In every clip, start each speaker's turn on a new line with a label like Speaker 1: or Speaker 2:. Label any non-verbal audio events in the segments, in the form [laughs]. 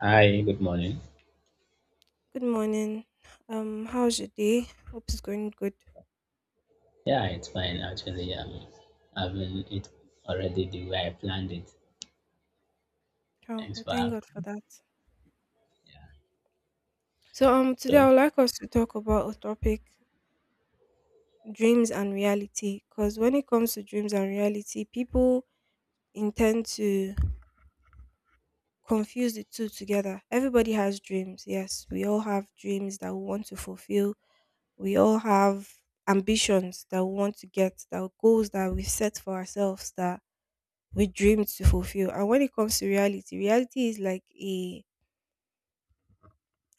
Speaker 1: Hi, good morning.
Speaker 2: Good morning. How's your day? Hope it's going good.
Speaker 1: Yeah, it's fine actually. Having it already the way I planned it.
Speaker 2: Oh,
Speaker 1: Thanks
Speaker 2: we
Speaker 1: for
Speaker 2: thank God for
Speaker 1: asking.
Speaker 2: that.
Speaker 1: Yeah.
Speaker 2: So today
Speaker 1: So,
Speaker 2: I would like us to talk about a topic: dreams and reality. Because when it comes to dreams and reality, people intend to confuse the two together. Everybody has dreams. Yes, we all have dreams that we want to fulfill. We all have ambitions that we want to get, that goals that we set for ourselves that we dream to fulfill. And when it comes to reality, reality is like a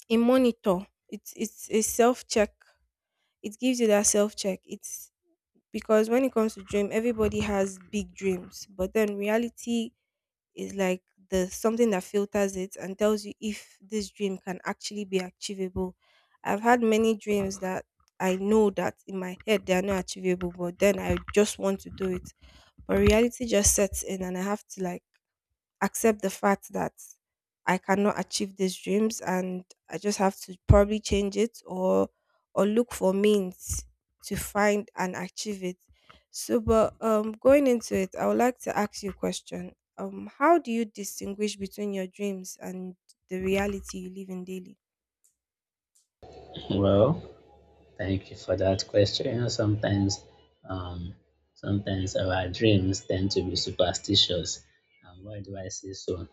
Speaker 2: a monitor. It's a self check. It gives you that self check. It's because when it comes to dream, everybody has big dreams, but then reality is like the something that filters it and tells you if this dream can actually be achievable. I've had many dreams that I know that in my head they are not achievable, but then I just want to do it. But reality just sets in, and I have to like accept the fact that I cannot achieve these dreams and I just have to probably change it or look for means to find and achieve it. So but going into it, I would like to ask you a question. How do you distinguish between your dreams and the reality you live in daily?
Speaker 1: [laughs] well, thank you for that question. You know, sometimes, um, sometimes our dreams tend to be superstitious. And why do I say so?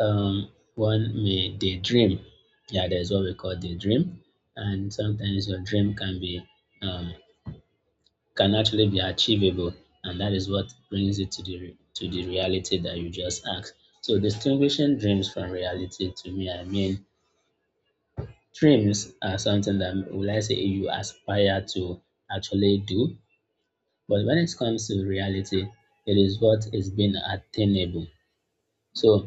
Speaker 1: One may daydream. Yeah, there's what we call daydream, and sometimes your dream can be um can actually be achievable, and that is what brings it to the to the reality that you just asked. So distinguishing dreams from reality, to me, I mean, dreams are something that will I say you aspire to actually do, but when it comes to reality, it is what is being attainable. So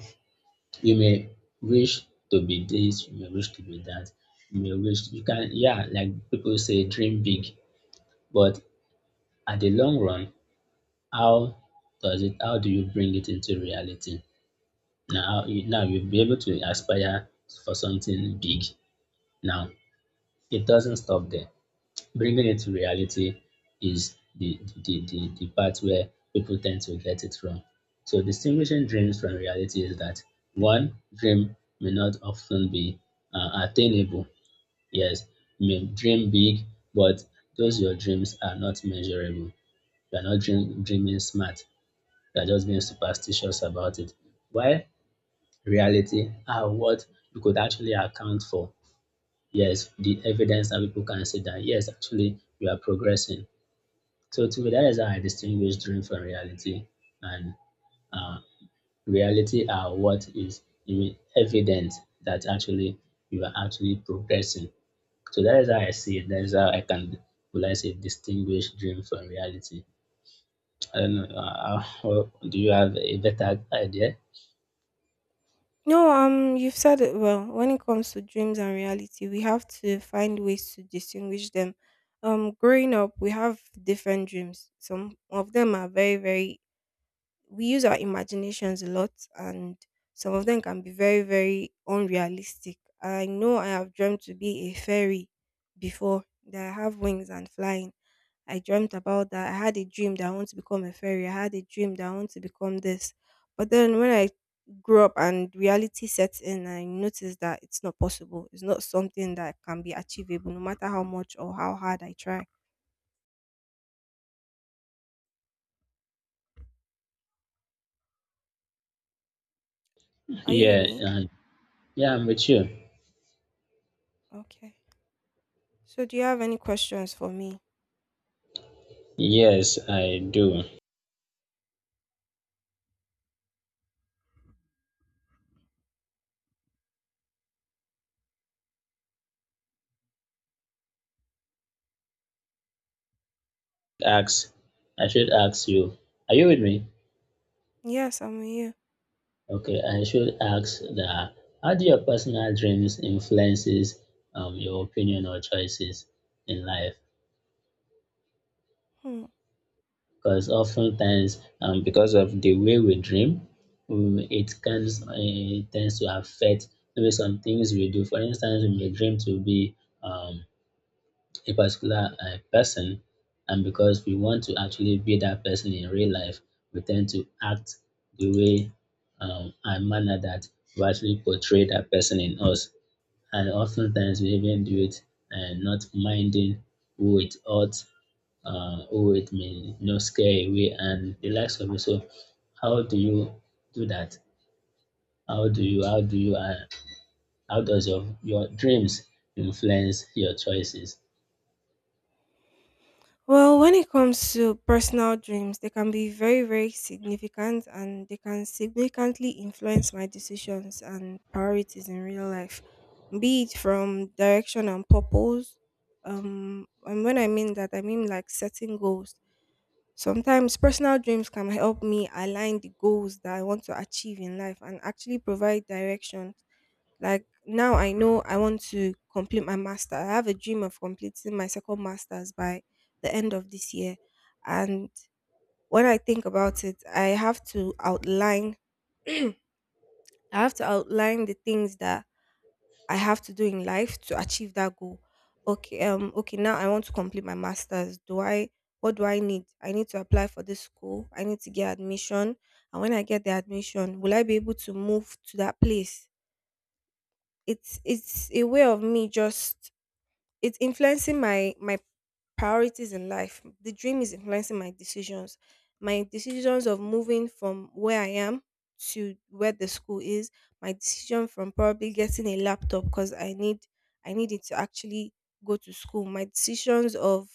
Speaker 1: you may wish to be this, you may wish to be that, you may wish you can yeah, like people say, dream big, but at the long run, how does it how do you bring it into reality now now you'll be able to aspire for something big now it doesn't stop there bringing it to reality is the, the part where people tend to get it wrong. So distinguishing dreams from reality is that one dream may not often be attainable. Yes, you may dream big, but those your dreams are not measurable. You are not dreaming smart. They're just being superstitious about it. While reality are what you could actually account for. Yes, the evidence that people can see that, yes, actually, you are progressing. So to me, that is how I distinguish dream from reality. And reality are what is even evident that actually you are actually progressing. So that is how I see it. That is how I can, will I say, distinguish dream from reality. I don't know. Do you have a better idea?
Speaker 2: No, you've said it well. When it comes to dreams and reality, we have to find ways to distinguish them. Growing up, we have different dreams. Some of them are very, very, we use our imaginations a lot, and some of them can be very, very unrealistic. I know I have dreamt to be a fairy before, that I have wings and flying I dreamt about that. I had a dream that I want to become a fairy. I had a dream that I want to become this. But then when I grew up and reality sets in, I noticed that it's not possible. It's not something that can be achievable, no matter how much or how hard I try. Are you with
Speaker 1: Yeah,
Speaker 2: me?
Speaker 1: uh, Yeah, I'm with you.
Speaker 2: Okay. So, do you have any questions for me?
Speaker 1: Yes, I do. Ask, I should ask you, are you with me?
Speaker 2: Yes, I'm with you.
Speaker 1: Okay, I should ask that how do your personal dreams influences your opinion or choices in life?
Speaker 2: Hmm.
Speaker 1: Because oftentimes, because of the way we dream, it can tends to affect maybe some things we do. For instance, we may dream to be um, a particular person and because we want to actually be that person in real life, we tend to act the way and manner that we actually portray that person in us. And oftentimes we even do it and not minding who it who it may you know, scare away and the likes of it. So how do you do that? How do you how does your dreams influence your choices?
Speaker 2: Well, when it comes to personal dreams, they can be very, very significant and they can significantly influence my decisions and priorities in real life, be it from direction and purpose. And when I mean that, I mean like setting goals. Sometimes personal dreams can help me align the goals that I want to achieve in life and actually provide direction like now I know I want to complete my master. I have a dream of completing my second master's by the end of this year. And when I think about it, I have to outline [clears throat] I have to outline the things that I have to do in life to achieve that goal. Okay, now I want to complete my masters. Do I what do I need? I need to apply for this school. I need to get admission. And when I get the admission, will I be able to move to that place? It's a way of me just it's influencing my priorities in life, the dream is influencing my decisions, my decisions of moving from where I am to where the school is, my decision from probably getting a laptop because I need I need it to actually go to school, my decisions of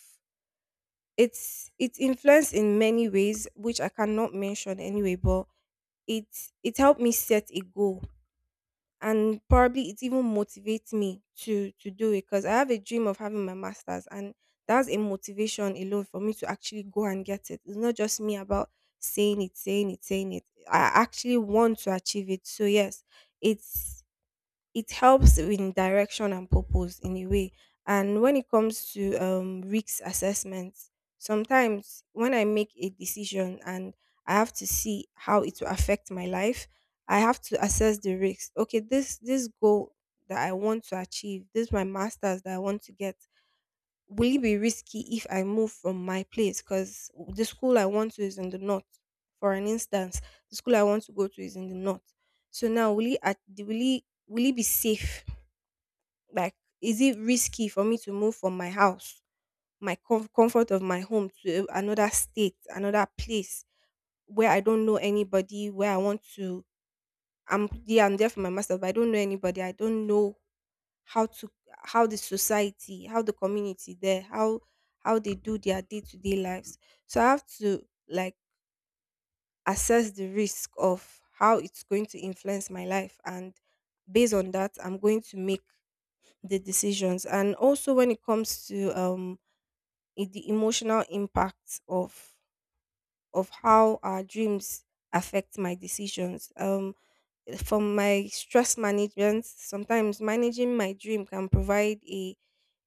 Speaker 2: it's influenced in many ways which I cannot mention anyway, but it it helped me set a goal and probably it even motivates me to do it because I have a dream of having my masters and that's a motivation alone for me to actually go and get it. It's not just me about saying it, saying it, saying it. I actually want to achieve it. So yes, it's it helps in direction and purpose in a way. And when it comes to risk assessments, sometimes when I make a decision and I have to see how it will affect my life, I have to assess the risks. Okay, this goal that I want to achieve, this is my masters that I want to get, will it be risky if I move from my place? Because the school I want to is in the north. For an instance, the school I want to go to is in the north. So now will it be safe like, is it risky for me to move from my house, my comfort of my home to another state, another place where I don't know anybody, where I want to I'm yeah, I'm there for my master, but I don't know anybody. I don't know how to how the society, how the community there, how they do their day-to-day lives. So I have to like assess the risk of how it's going to influence my life and based on that I'm going to make the decisions. And also when it comes to the emotional impact of how our dreams affect my decisions, from my stress management, sometimes managing my dream can provide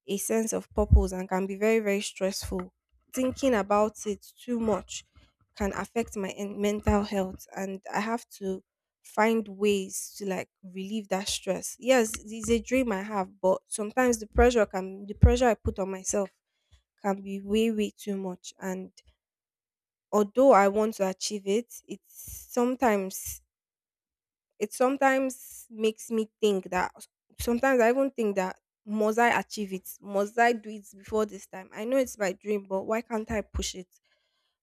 Speaker 2: a sense of purpose and can be very, very stressful. Thinking about it too much can affect my mental health and I have to find ways to like relieve that stress. Yes, it's a dream I have, but sometimes the pressure I put on myself can be way, way too much and although I want to achieve it, it's sometimes it sometimes makes me think that sometimes I even think that must I achieve it? Must I do it before this time? I know it's my dream, but why can't I push it?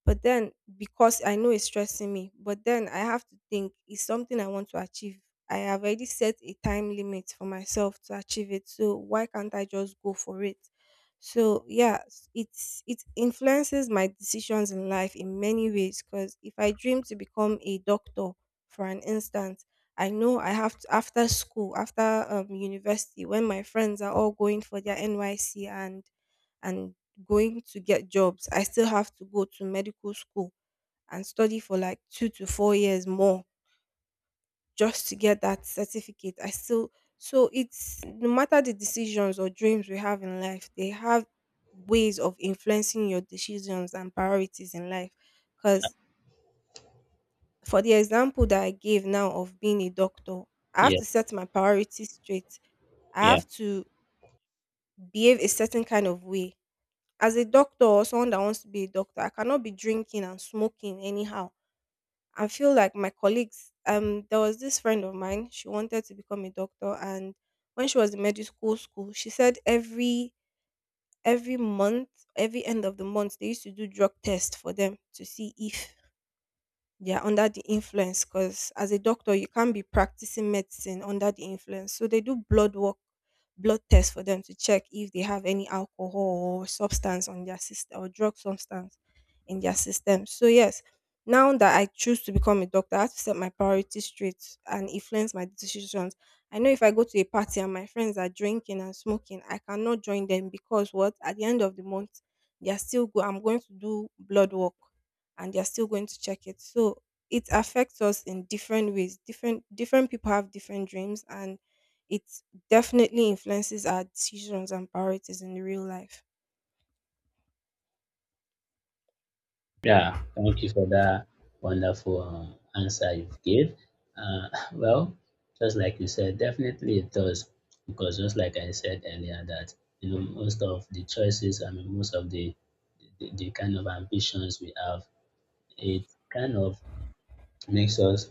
Speaker 2: But then, because I know it's stressing me, but then I have to think it's something I want to achieve. I have already set a time limit for myself to achieve it. So why can't I just go for it? So yeah, it's it influences my decisions in life in many ways. Because if I dream to become a doctor, for an instance, I know I have to after school, after university, when my friends are all going for their NYC and going to get jobs, I still have to go to medical school and study for like 2 to 4 years more just to get that certificate. I still so it's no matter the decisions or dreams we have in life, they have ways of influencing your decisions and priorities in life because for the example that I gave now of being a doctor, I have
Speaker 1: Yeah,
Speaker 2: to set my priorities straight. I
Speaker 1: yeah.
Speaker 2: have to behave a certain kind of way. As a doctor or someone that wants to be a doctor, I cannot be drinking and smoking anyhow. I feel like my colleagues, there was this friend of mine, she wanted to become a doctor and when she was in medical school, she said every month, every end of the month, they used to do drug test for them to see if they're under the influence because as a doctor you can't be practicing medicine under the influence, so they do blood tests for them to check if they have any alcohol or substance on their system or drug substance in their system. So yes, now that I choose to become a doctor I have to set my priorities straight and influence my decisions. I know if I go to a party and my friends are drinking and smoking I cannot join them because what at the end of the month they are still go I'm going to do blood work and they're still going to check it. So it affects us in different ways. Different people have different dreams and it definitely influences our decisions and priorities in real life.
Speaker 1: Yeah, thank you for that wonderful answer you've gave. Uh, [laughs] well, just like you said, definitely it does, because just like I said earlier, that you know most of the choices, I mean most of the kind of ambitions we have, it kind of makes us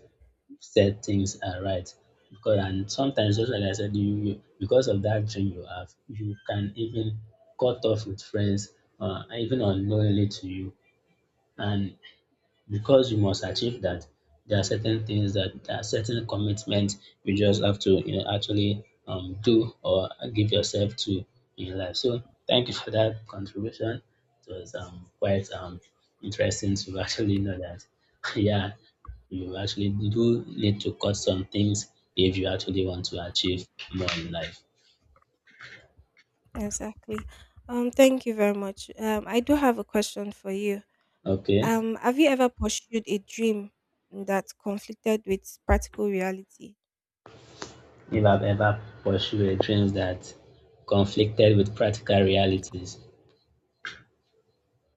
Speaker 1: set things right. Because and sometimes, just like I said, because of that dream you have, you can even cut off with friends, even unknowingly to you, and because you must achieve that, there are certain things that there are certain commitments you just have to you know actually do or give yourself to in life. So thank you for that contribution. It was quite interesting to [laughs] actually know that [laughs] yeah you actually do need to cut some things if you actually want to achieve more in life.
Speaker 2: Exactly. Thank you very much. I do have a question for you.
Speaker 1: Okay.
Speaker 2: Have you ever pursued a dream that conflicted with practical reality?
Speaker 1: If I've ever pursued a dream that conflicted with practical realities.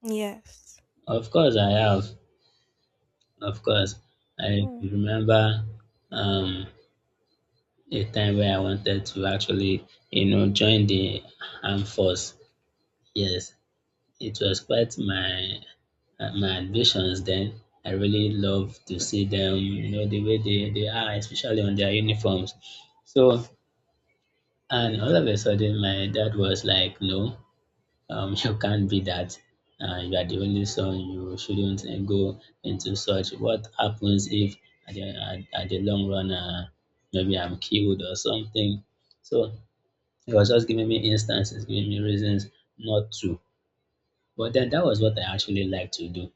Speaker 2: Yes.
Speaker 1: Of course I have. Of course, I
Speaker 2: Hmm.
Speaker 1: remember um, a time where I wanted to actually, you know, join the armed force. Yes, it was quite my my ambitions then. I really love to see them, you know, the way they are, especially on their uniforms. So, and all of a sudden, my dad was like, no, [laughs] you can't be that. You are the only son. You shouldn't go into such. What happens if at the, at the long run, maybe I'm killed or something? So it was just giving me instances, giving me reasons not to. But then that was what I actually like to do.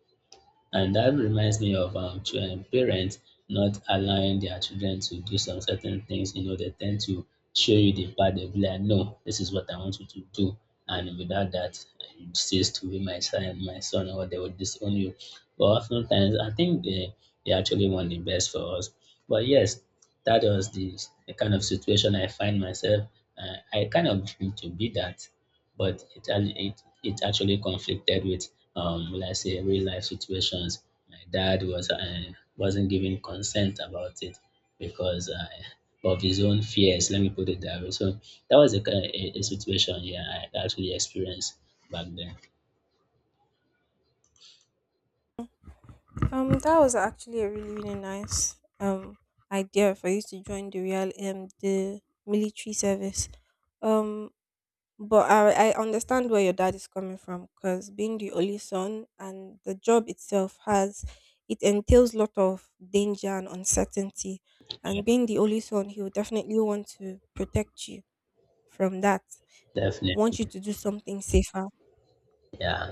Speaker 1: And that reminds me of parents not allowing their children to do some certain things. You know, they tend to show you the path. They'll be like, "No, this is what I want you to do," and without that, you cease to be my my son, or they will disown you. But oftentimes, I think they actually want the best for us. But yes, that was the kind of situation I find myself. I kind of dream to be that but it ac- it actually conflicted with will I say real life situations. My dad was wasn't giving consent about it because of his own fears. Let me put it that way. So that was a situation yeah I actually experienced back then.
Speaker 2: That was actually a really, really nice idea for you to join the real the military service. Um, but I understand where your dad is coming from because being the only son and the job itself has it entails lot of danger and uncertainty, and being the only son, he will definitely want to protect you from that.
Speaker 1: Definitely,
Speaker 2: Want you to do something safer.
Speaker 1: yeah.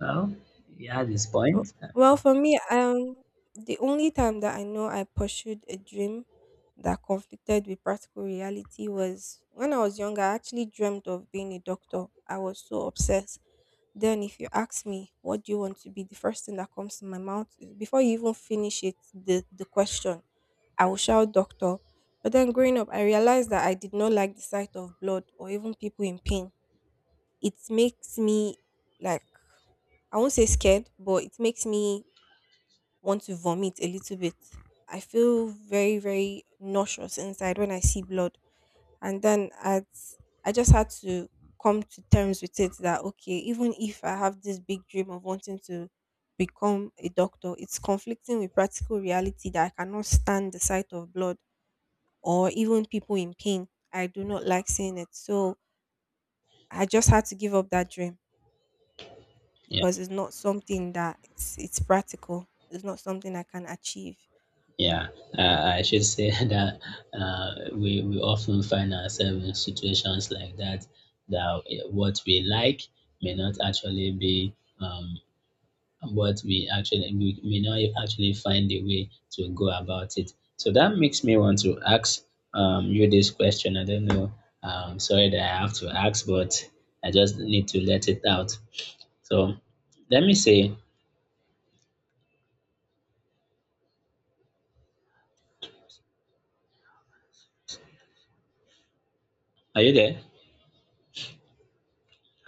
Speaker 1: Well, he had his
Speaker 2: W-
Speaker 1: point.
Speaker 2: Well, for me, um, the only time that I know I pursued a dream that conflicted with practical reality was when I was younger. I actually dreamt of being a doctor. I was so obsessed. Then, if you ask me, what do you want to be? The first thing that comes to my mouth is before you even finish it, the question, I will shout doctor. But then growing up, I realized that I did not like the sight of blood or even people in pain. It makes me like I won't say scared, but it makes me want to vomit a little bit. I feel very, very nauseous inside when I see blood. And then at, I just had to come to terms with it that, okay, even if I have this big dream of wanting to become a doctor, it's conflicting with practical reality that I cannot stand the sight of blood or even people in pain. I do not like seeing it. So I just had to give up that dream
Speaker 1: Yeah.
Speaker 2: because it's not something that it's practical. It's not something I can achieve.
Speaker 1: Yeah, I should say [laughs] that we often find ourselves in situations like that, that eh, what we like may not actually be what we may not actually find a way to go about it. So that makes me want to ask you this question. I don't know, sorry that I have to ask, but I just need to let it out. So let me say, are you there?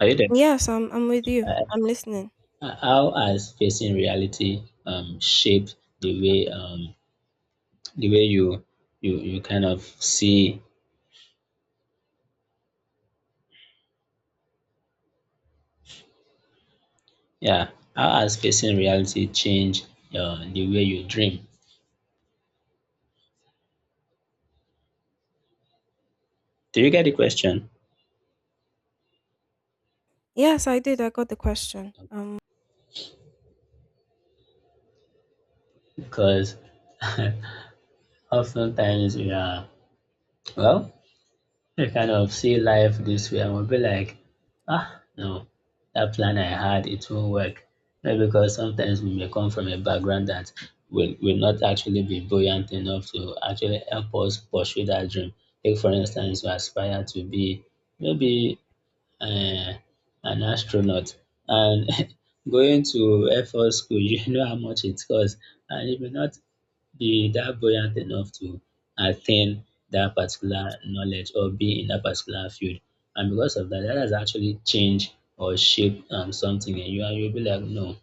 Speaker 1: Are you there?
Speaker 2: Yes, I'm with you. I'm listening.
Speaker 1: How has facing reality shaped the way um, the way you kind of see? Yeah, how has facing reality changed the way you dream? Do you get the question?
Speaker 2: Yes, I did. I got the question. Um
Speaker 1: Because [laughs] oftentimes we are well, I kind of see life this way, I will be like, ah, no, that plan I had, it won't work. Not because sometimes we may come from a background that will not actually be buoyant enough to actually help us pursue that dream. Take, for instance, you aspire to be maybe uh, an astronaut and [laughs] going to Air Force School, you know how much it costs, and you may not be that buoyant enough to attain that particular knowledge or be in that particular field. And because of that, that has actually changed or shaped something in you. And you'll be like, no,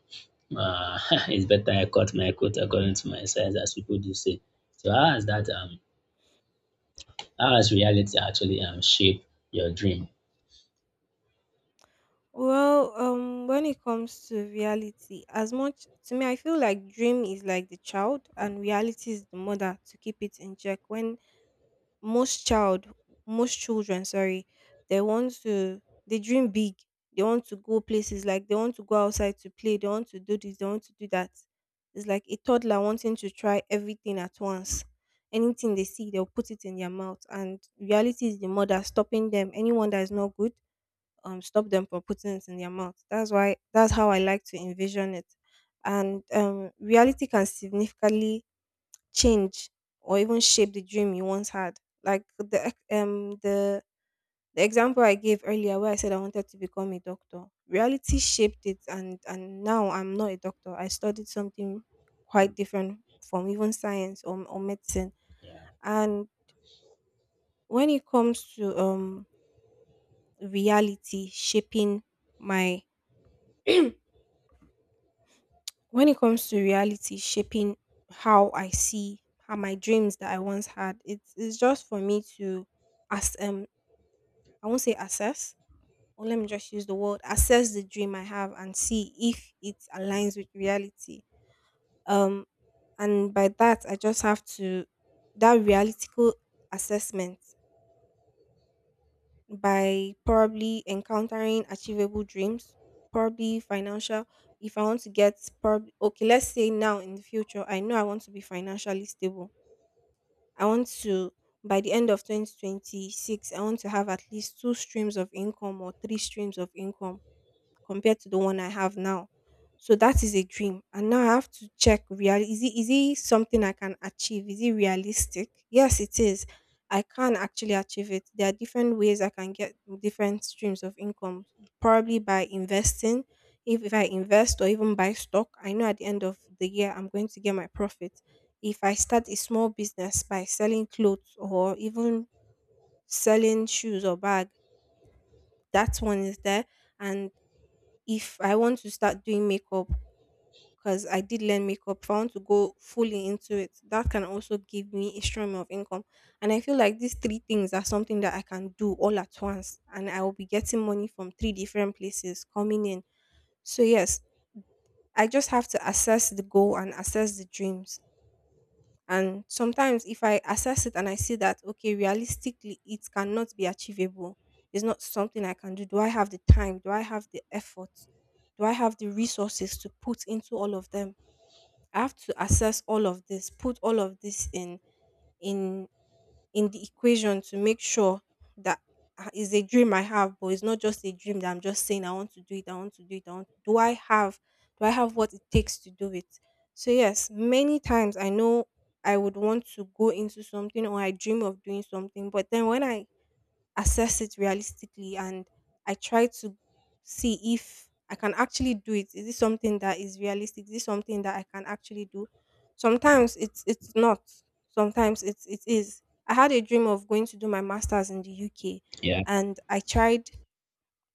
Speaker 1: uh, [laughs] it's better I cut my coat according to my size, as people do say. So how has that how has reality actually shaped your dream?
Speaker 2: well, um when it comes to reality, as much to me I feel like dream is like the child and reality is the mother to keep it in check. When most child most children, sorry, they want to, they dream big, they want to go places, like they want to go outside to play, they want to do this, they want to do that. It's like a toddler wanting to try everything at once. Anything they see they'll put it in their mouth, and reality is the mother stopping them. Anyone that is not good, stop them from putting it in their mouth. That's how I like to envision it. And reality can significantly change or even shape the dream you once had. Like the the example I gave earlier where I said I wanted to become a doctor. Reality shaped it, and now I'm not a doctor. I studied something quite different from even science, or medicine.
Speaker 1: Yeah,
Speaker 2: And when it comes to reality shaping my [clears throat] when it comes to reality shaping how I see, how my dreams that I once had, it's just for me to, as I won't say assess, or let me just use the word assess the dream I have and see if it aligns with reality. Um, and by that, I just have to, that realistical assessment, by probably encountering achievable dreams, probably financial. If I want to get, probably, okay, let's say now in the future, I know I want to be financially stable. I want to, by the end of 2026 I want to have at least two streams of income or three streams of income compared to the one I have now. So that is a dream. And now I have to check, real is it, is it something I can achieve? Is it realistic? Yes, it is. I can actually achieve it. There are different ways I can get different streams of income, probably by investing. If I invest or even buy stock, I know at the end of the year I'm going to get my profit. If I start a small business by selling clothes or even selling shoes or bag, that one is there. And if I want to start doing makeup, because I did learn makeup, if I want to go fully into it, that can also give me a stream of income. And I feel like these three things are something that I can do all at once, and I will be getting money from three different places coming in. So, yes, I just have to assess the goal and assess the dreams. And sometimes if I assess it and I see that, okay, realistically, it cannot be achievable, it's not something I can do. Do I have the time? Do I have the effort? Do I have the resources to put into all of them? I have to assess all of this, put all of this in in the equation to make sure that, ah, it's a dream I have, but it's not just a dream that I'm just saying I want to do it, I want to do it, I want, do I have, do I have what it takes to do it? So yes, many times I know I would want to go into something or I dream of doing something, but then when I assess it realistically and I try to see if I can actually do it. Is this something that is realistic? Is this something that I can actually do? Sometimes it's not. Sometimes it is. I had a dream of going to do my masters in the UK,
Speaker 1: yeah.
Speaker 2: and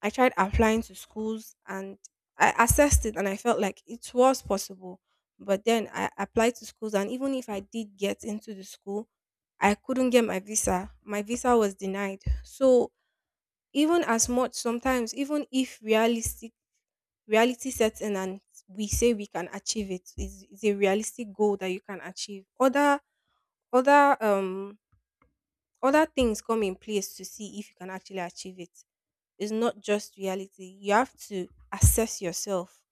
Speaker 2: I tried applying to schools, and I assessed it and I felt like it was possible. But then I applied to schools, and even if I did get into the school, I couldn't get my visa. My visa was denied. So even as much, sometimes even if realistic reality sets in and we say we can achieve it, is a realistic goal that you can achieve, other other things come in place to see if you can actually achieve it. It's not just reality, you have to assess yourself.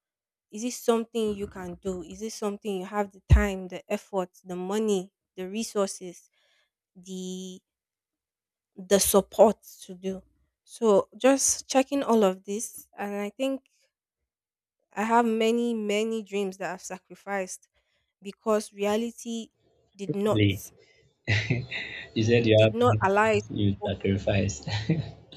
Speaker 2: Is it something you can do? Is it something you have the time, the effort, the money, the resources, the the support to do? So just checking all of this, and I think I have many, many dreams that I've sacrificed because reality did not
Speaker 1: Lee, you said you
Speaker 2: did
Speaker 1: have
Speaker 2: not allow it to
Speaker 1: you
Speaker 2: go.
Speaker 1: sacrificed. [laughs]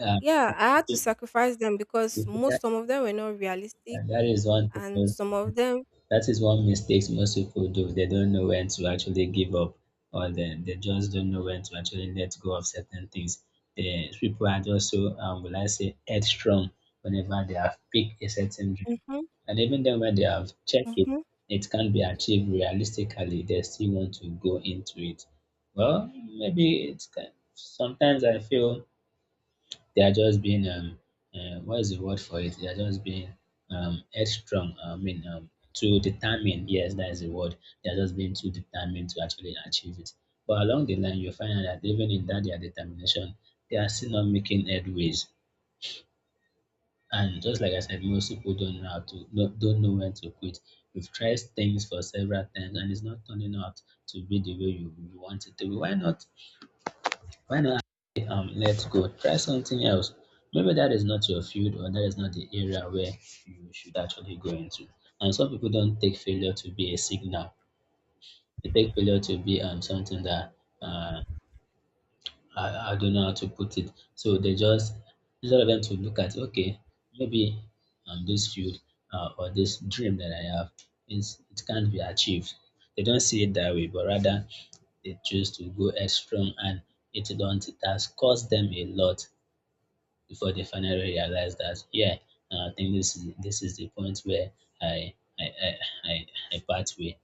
Speaker 1: um,
Speaker 2: Yeah, I had to sacrifice them because most,
Speaker 1: that,
Speaker 2: some of them were not realistic,
Speaker 1: that is one
Speaker 2: and
Speaker 1: thing.
Speaker 2: some of them.
Speaker 1: That is one mistakes most people do. They don't know when to actually give up, or they just don't know when to actually let go of certain things. The people are just so, will I say, headstrong whenever they have picked a certain dream.
Speaker 2: Mm-hmm,
Speaker 1: And even then, when they have checked it,
Speaker 2: mm-hmm.
Speaker 1: it can't be achieved realistically. They still want to go into it. Well, maybe it's kind sometimes I feel they are just being what is the word for it? They are just being headstrong. I mean, too determined. Yes, that is the word. They are just being too determined to actually achieve it. But along the line, you find out that even in that their determination, they are still not making headways. And just like I said, most people don't know how to don't know when to quit. You've tried things for several times and it's not turning out to be the way you want it to be. Why not finally, let's go try something else. Maybe that is not your field or that is not the area where you should actually go into. And some people don't take failure to be a signal. They take failure to be something that uh, I don't know how to put it. So they just instead of them to look at okay, maybe this field or this dream that I have is it can't be achieved. They don't see it that way, but rather they choose to go extra and it don't it has cost them a lot before they finally realize that yeah, I think this is the point where I I I I, I part way.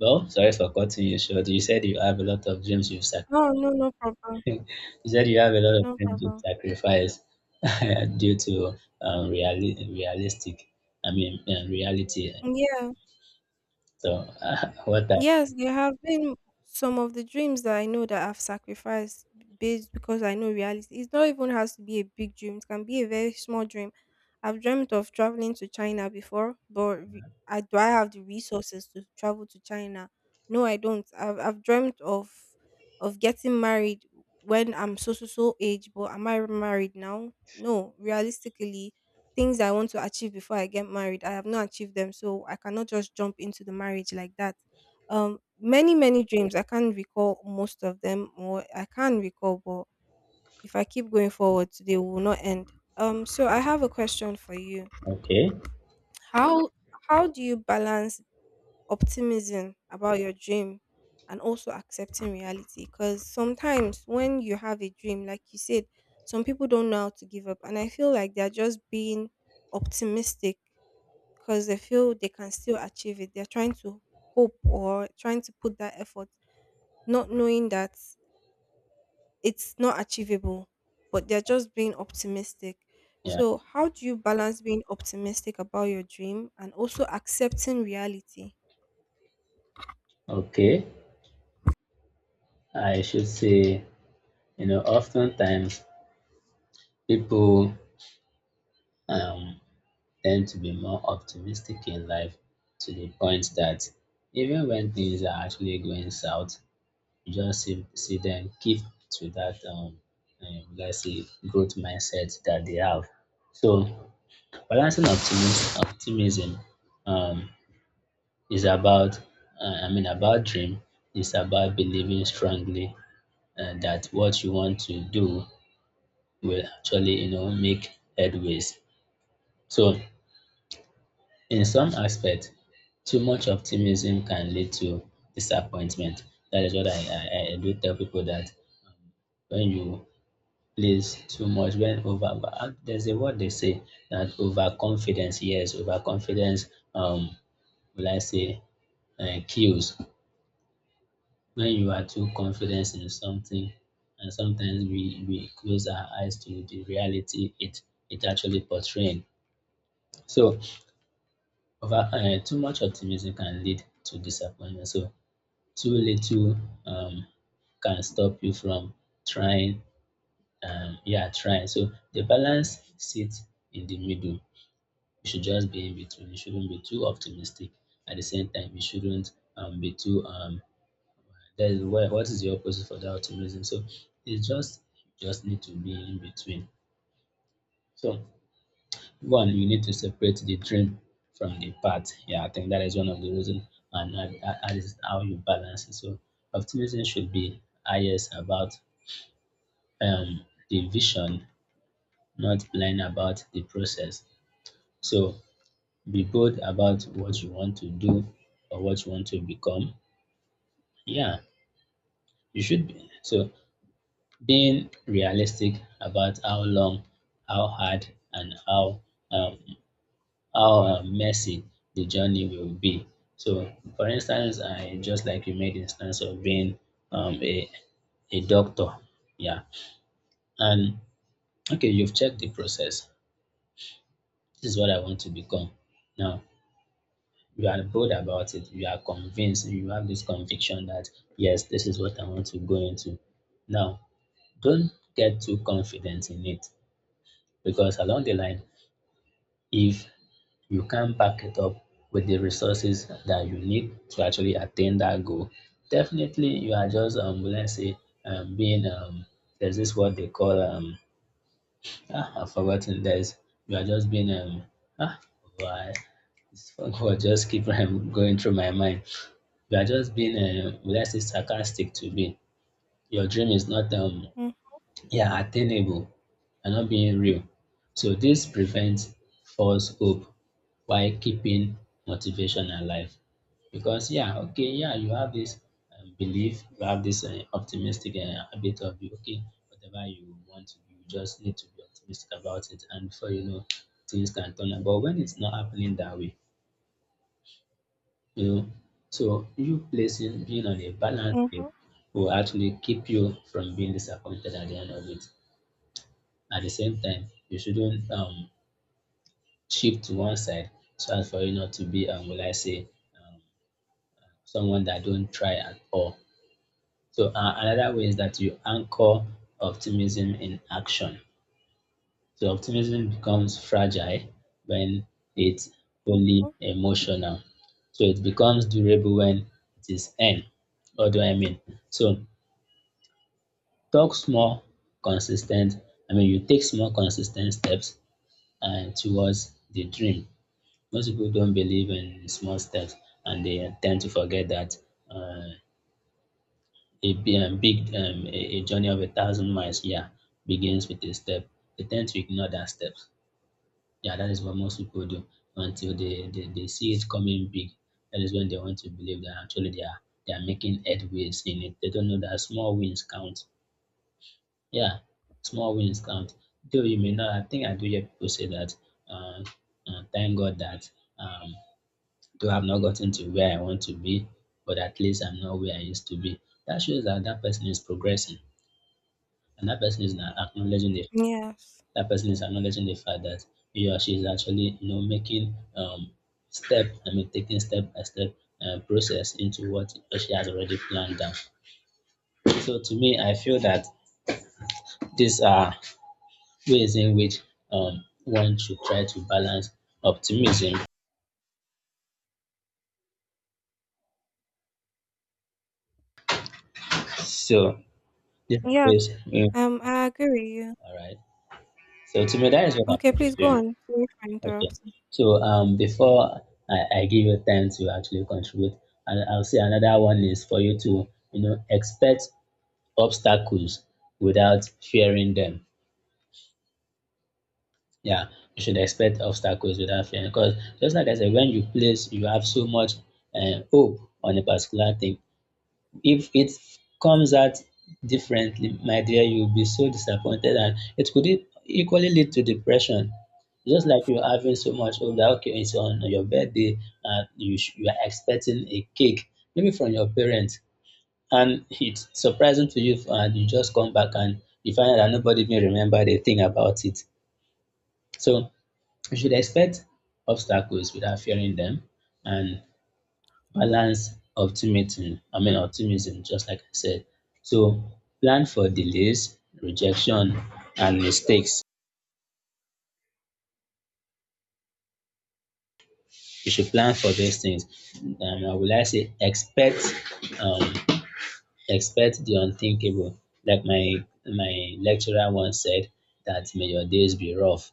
Speaker 1: Well, sorry for cutting you short. You said you have a lot of dreams you've sacrificed.
Speaker 2: Oh no, no problem,
Speaker 1: [laughs] you said you have a lot of
Speaker 2: no
Speaker 1: things to
Speaker 2: problem.
Speaker 1: sacrifice [laughs] due to realistic, I mean, reality.
Speaker 2: Yeah.
Speaker 1: So, [laughs] what
Speaker 2: Yes, there have been some of the dreams that I know that I've sacrificed based, because I know reality. It not even has to be a big dream. It can be a very small dream. I've dreamt of traveling to China before, but I, do I have the resources to travel to China? No, I don't. I've dreamt of getting married when I'm so so so age, but am I married now? No, realistically, things I want to achieve before I get married, I have not achieved them, so I cannot just jump into the marriage like that. Many, many dreams, I can't recall most of them, or I can recall, but if I keep going forward they will not end. So I have a question for you.
Speaker 1: okay,
Speaker 2: how how do you balance optimism about your dream and also accepting reality? Because sometimes when you have a dream, like you said, some people don't know how to give up, and I feel like they're just being optimistic because they feel they can still achieve it. They're trying to hope or trying to put that effort, not knowing that it's not achievable, but they're just being optimistic.
Speaker 1: yeah,
Speaker 2: So, how do you balance being optimistic about your dream and also accepting reality?
Speaker 1: okay. I should say, you know, oftentimes people um, tend to be more optimistic in life to the point that even when things are actually going south, you just see them keep to that let's say growth mindset that they have. So balancing optimism um, is about I mean about dream. It's about believing strongly that what you want to do will actually, you know, make headways. So in some aspect, too much optimism can lead to disappointment. That is what I do tell people that when you plays too much when over there's a word they say that overconfidence, yes, overconfidence um will I say kills when you are too confident in something, and sometimes we close our eyes to the reality it it actually portraying. So over too much optimism can lead to disappointment, so too little um can stop you from trying, yeah, trying. So the balance sits in the middle. We should just be in between. We shouldn't be too optimistic. At the same time, we shouldn't be too that is where what is the opposite for that optimism? So it's just you just need to be in between. So one, you need to separate the dream from the path. Yeah, I think that is one of the reasons, and that is how you balance it. So optimism should be highest about the vision, not blind about the process. So be bold about what you want to do or what you want to become. Yeah, you should be. So being realistic about how long, how hard, and um, how messy the journey will be. So, for instance, I just like you made instance of being um, a a doctor. Yeah, and okay, you've checked the process. This is what I want to become. Now, you are bold about it, you are convinced, you have this conviction that yes, this is what I want to go into. Now, don't get too confident in it, because along the line, if you can't back it up with the resources that you need to actually attain that goal, definitely you are just, let's say, being, there's this what they call, I've forgotten, there's, you are just being, ah, why, this [laughs] word just keep going through my mind. You are just being, will I say, sarcastic to me. Your dream is not,
Speaker 2: Mm-hmm,
Speaker 1: yeah, attainable and not being real. So this prevents false hope while keeping motivation alive. Because yeah, okay, yeah, you have this belief, you have this optimistic habit of okay, whatever you want to do, you just need to be optimistic about it, and before you know, things can turn out. But when it's not happening that way, you know. So you placing being on a balanced scale will actually keep you from being disappointed at the end of it. At the same time, you shouldn't shift to one side so as for you not to be will I say um, someone that don't try at all. So another way is that you anchor optimism in action. So optimism becomes fragile when it's only
Speaker 2: hmm.
Speaker 1: emotional. So it becomes durable when it is earned. What do I mean? So talk small, consistent. I mean, you take small, consistent steps and towards the dream. Most people don't believe in small steps, and they tend to forget that uh, a big a journey of a thousand miles, yeah, begins with a step. They tend to ignore that step. Yeah, that is what most people do until they see it coming big. That is when they want to believe that actually they are making headways in it. They don't know that small wins count. Yeah, small wins count. Though you may not, I think I do hear people say that. Uh, thank God that um, though I've not gotten to where I want to be, but at least I'm not where I used to be. That shows that that person is progressing, and that person is not acknowledging the
Speaker 2: Yes,
Speaker 1: that person is acknowledging the fact that he or she is actually, you know, making step I mean taking step by step process into what she has already planned down. So to me, I feel that these are ways in which one should try to balance optimism. So these are
Speaker 2: yes, I agree with you.
Speaker 1: all right, so to me, that is what I
Speaker 2: Okay,
Speaker 1: think,
Speaker 2: please go
Speaker 1: yeah.
Speaker 2: on. Sorry for
Speaker 1: Okay,
Speaker 2: interrupting.
Speaker 1: so before I give you time to actually contribute, and I'll say another one is for you to, you know, expect obstacles without fearing them. Yeah, you should expect obstacles without fearing. Because just like I said, when you place, you have so much hope on a particular thing. If it comes out differently, my dear, you'll be so disappointed, and it could equally lead to depression. Just like you're having so much hope that okay, it's on your birthday, and you are expecting a cake, maybe from your parents. And it's surprising to you, and you just come back and you find that nobody even remembered a thing about it. So you should expect obstacles without fearing them, and balance optimism. I mean optimism, just like I said. So plan for delays, rejection, and mistakes. You should plan for those things. I would like say expect um, expect the unthinkable. Like my lecturer once said that may your days be rough.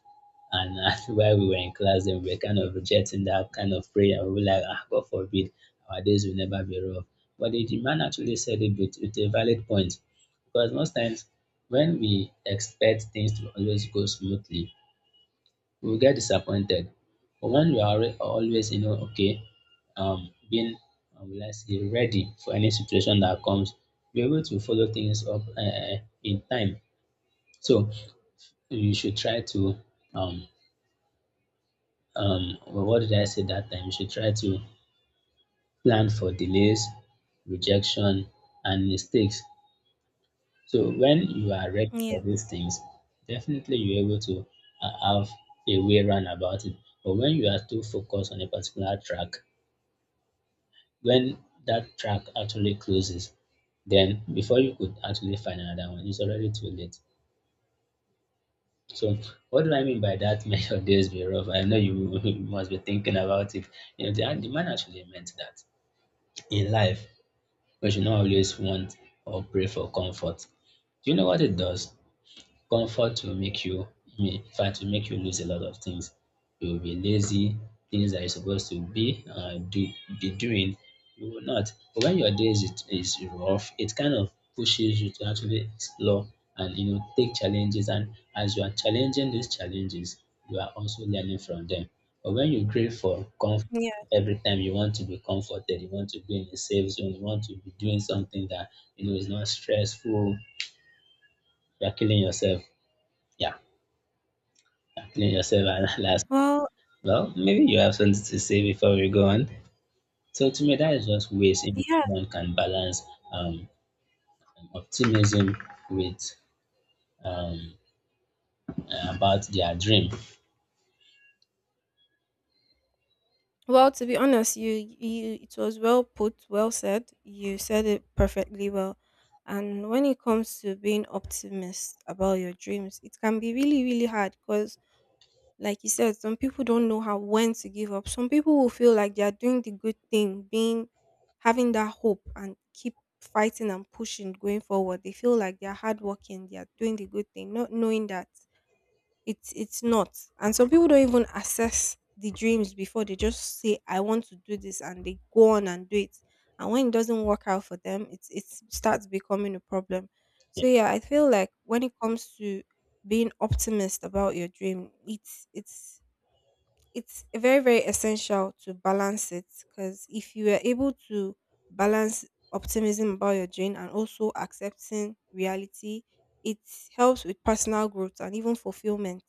Speaker 1: And [laughs] while we were in class, then we were kind of rejecting that kind of prayer. We were like, ah, God forbid, our days will never be rough. But the man actually said it with a valid point. Because most times when we expect things to always go smoothly, we will get disappointed. But when we are always, you know, okay, being, let's say, ready for any situation that comes, we're able to follow things up in time. So you should try to, um, well, what did I say that time? You should try to plan for delays, rejection, and mistakes. So when you are ready
Speaker 2: Yeah,
Speaker 1: for these things, definitely you're able to have a way around about it. But when you are too focused on a particular track, when that track actually closes, then before you could actually find another one, it's already too late. So, what do I mean by that? [laughs] May your days be rough. I know you, [laughs] you must be thinking about it. You know, the man actually meant that in life, we should not always want or pray for comfort. Do you know what it does? Comfort will make you, in fact, will make you lose a lot of things. You will be lazy. Things that you're supposed to be do be doing, you will not. But when your is rough, it kind of pushes you to actually explore, and you know, take challenges, and as you are challenging these challenges, you are also learning from them. But when you crave for comfort,
Speaker 2: yeah.
Speaker 1: every time you want to be comforted, you want to be in a safe zone, you want to be doing something that you know is not stressful, you're killing yourself. Yeah. Clean yourself and [laughs] last.
Speaker 2: Well,
Speaker 1: Well, maybe you have something to say before we go on. So to me, that is just ways in which
Speaker 2: yeah.
Speaker 1: one can balance um, optimism with um, about their dream.
Speaker 2: Well, to be honest, you it was well put, well said. You said it perfectly well. And when it comes to being optimist about your dreams, it can be really really hard, because like you said, some people don't know how, when to give up. Some people will feel like they are doing the good thing, being, having that hope and keep fighting and pushing going forward. They feel like they are hardworking, they are doing the good thing, not knowing that it's not. And some people don't even assess the dreams before they just say, I want to do this, and they go on and do it. And when it doesn't work out for them, it starts becoming a problem.
Speaker 1: Yeah,
Speaker 2: So yeah, I feel like when it comes to being optimist about your dream, it's it's very, very essential to balance it, because if you are able to balance optimism about your dream and also accepting reality, it helps with personal growth and even fulfillment.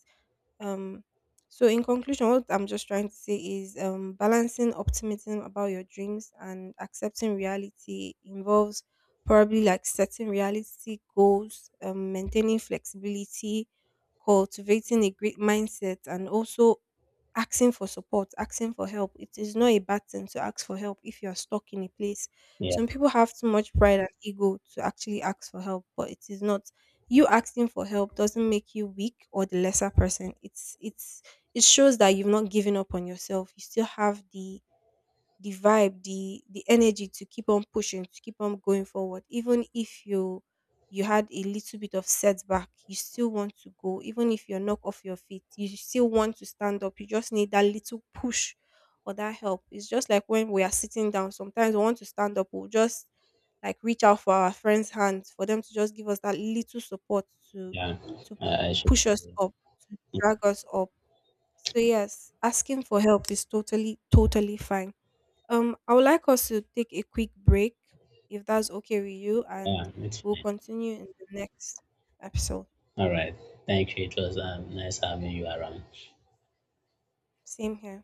Speaker 2: Um, so in conclusion, what I'm just trying to say is, balancing optimism about your dreams and accepting reality involves probably like setting realistic goals, maintaining flexibility, cultivating a great mindset, and also asking for support, asking for help. It is not a bad thing to ask for help if you are stuck in a place.
Speaker 1: yeah,
Speaker 2: Some people have too much pride and ego to actually ask for help, but it is not, you asking for help doesn't make you weak or the lesser person. It's it shows that you've not given up on yourself. You still have the vibe, the energy to keep on pushing, to keep on going forward. Even if you, you had a little bit of setback, you still want to go. Even if you're knocked off your feet, you still want to stand up. You just need that little push or that help. It's just like when we are sitting down. Sometimes we want to stand up, we'll just like reach out for our friends' hands for them to just give us that little support to
Speaker 1: yeah.
Speaker 2: to
Speaker 1: I should.
Speaker 2: push us up, to drag us up. So yes, asking for help is totally, totally fine. I would like us to take a quick break, if that's okay with you, and
Speaker 1: Yeah, it's
Speaker 2: we'll
Speaker 1: fine.
Speaker 2: continue in the next episode.
Speaker 1: All right. Thank you. It was nice having you around.
Speaker 2: Same here.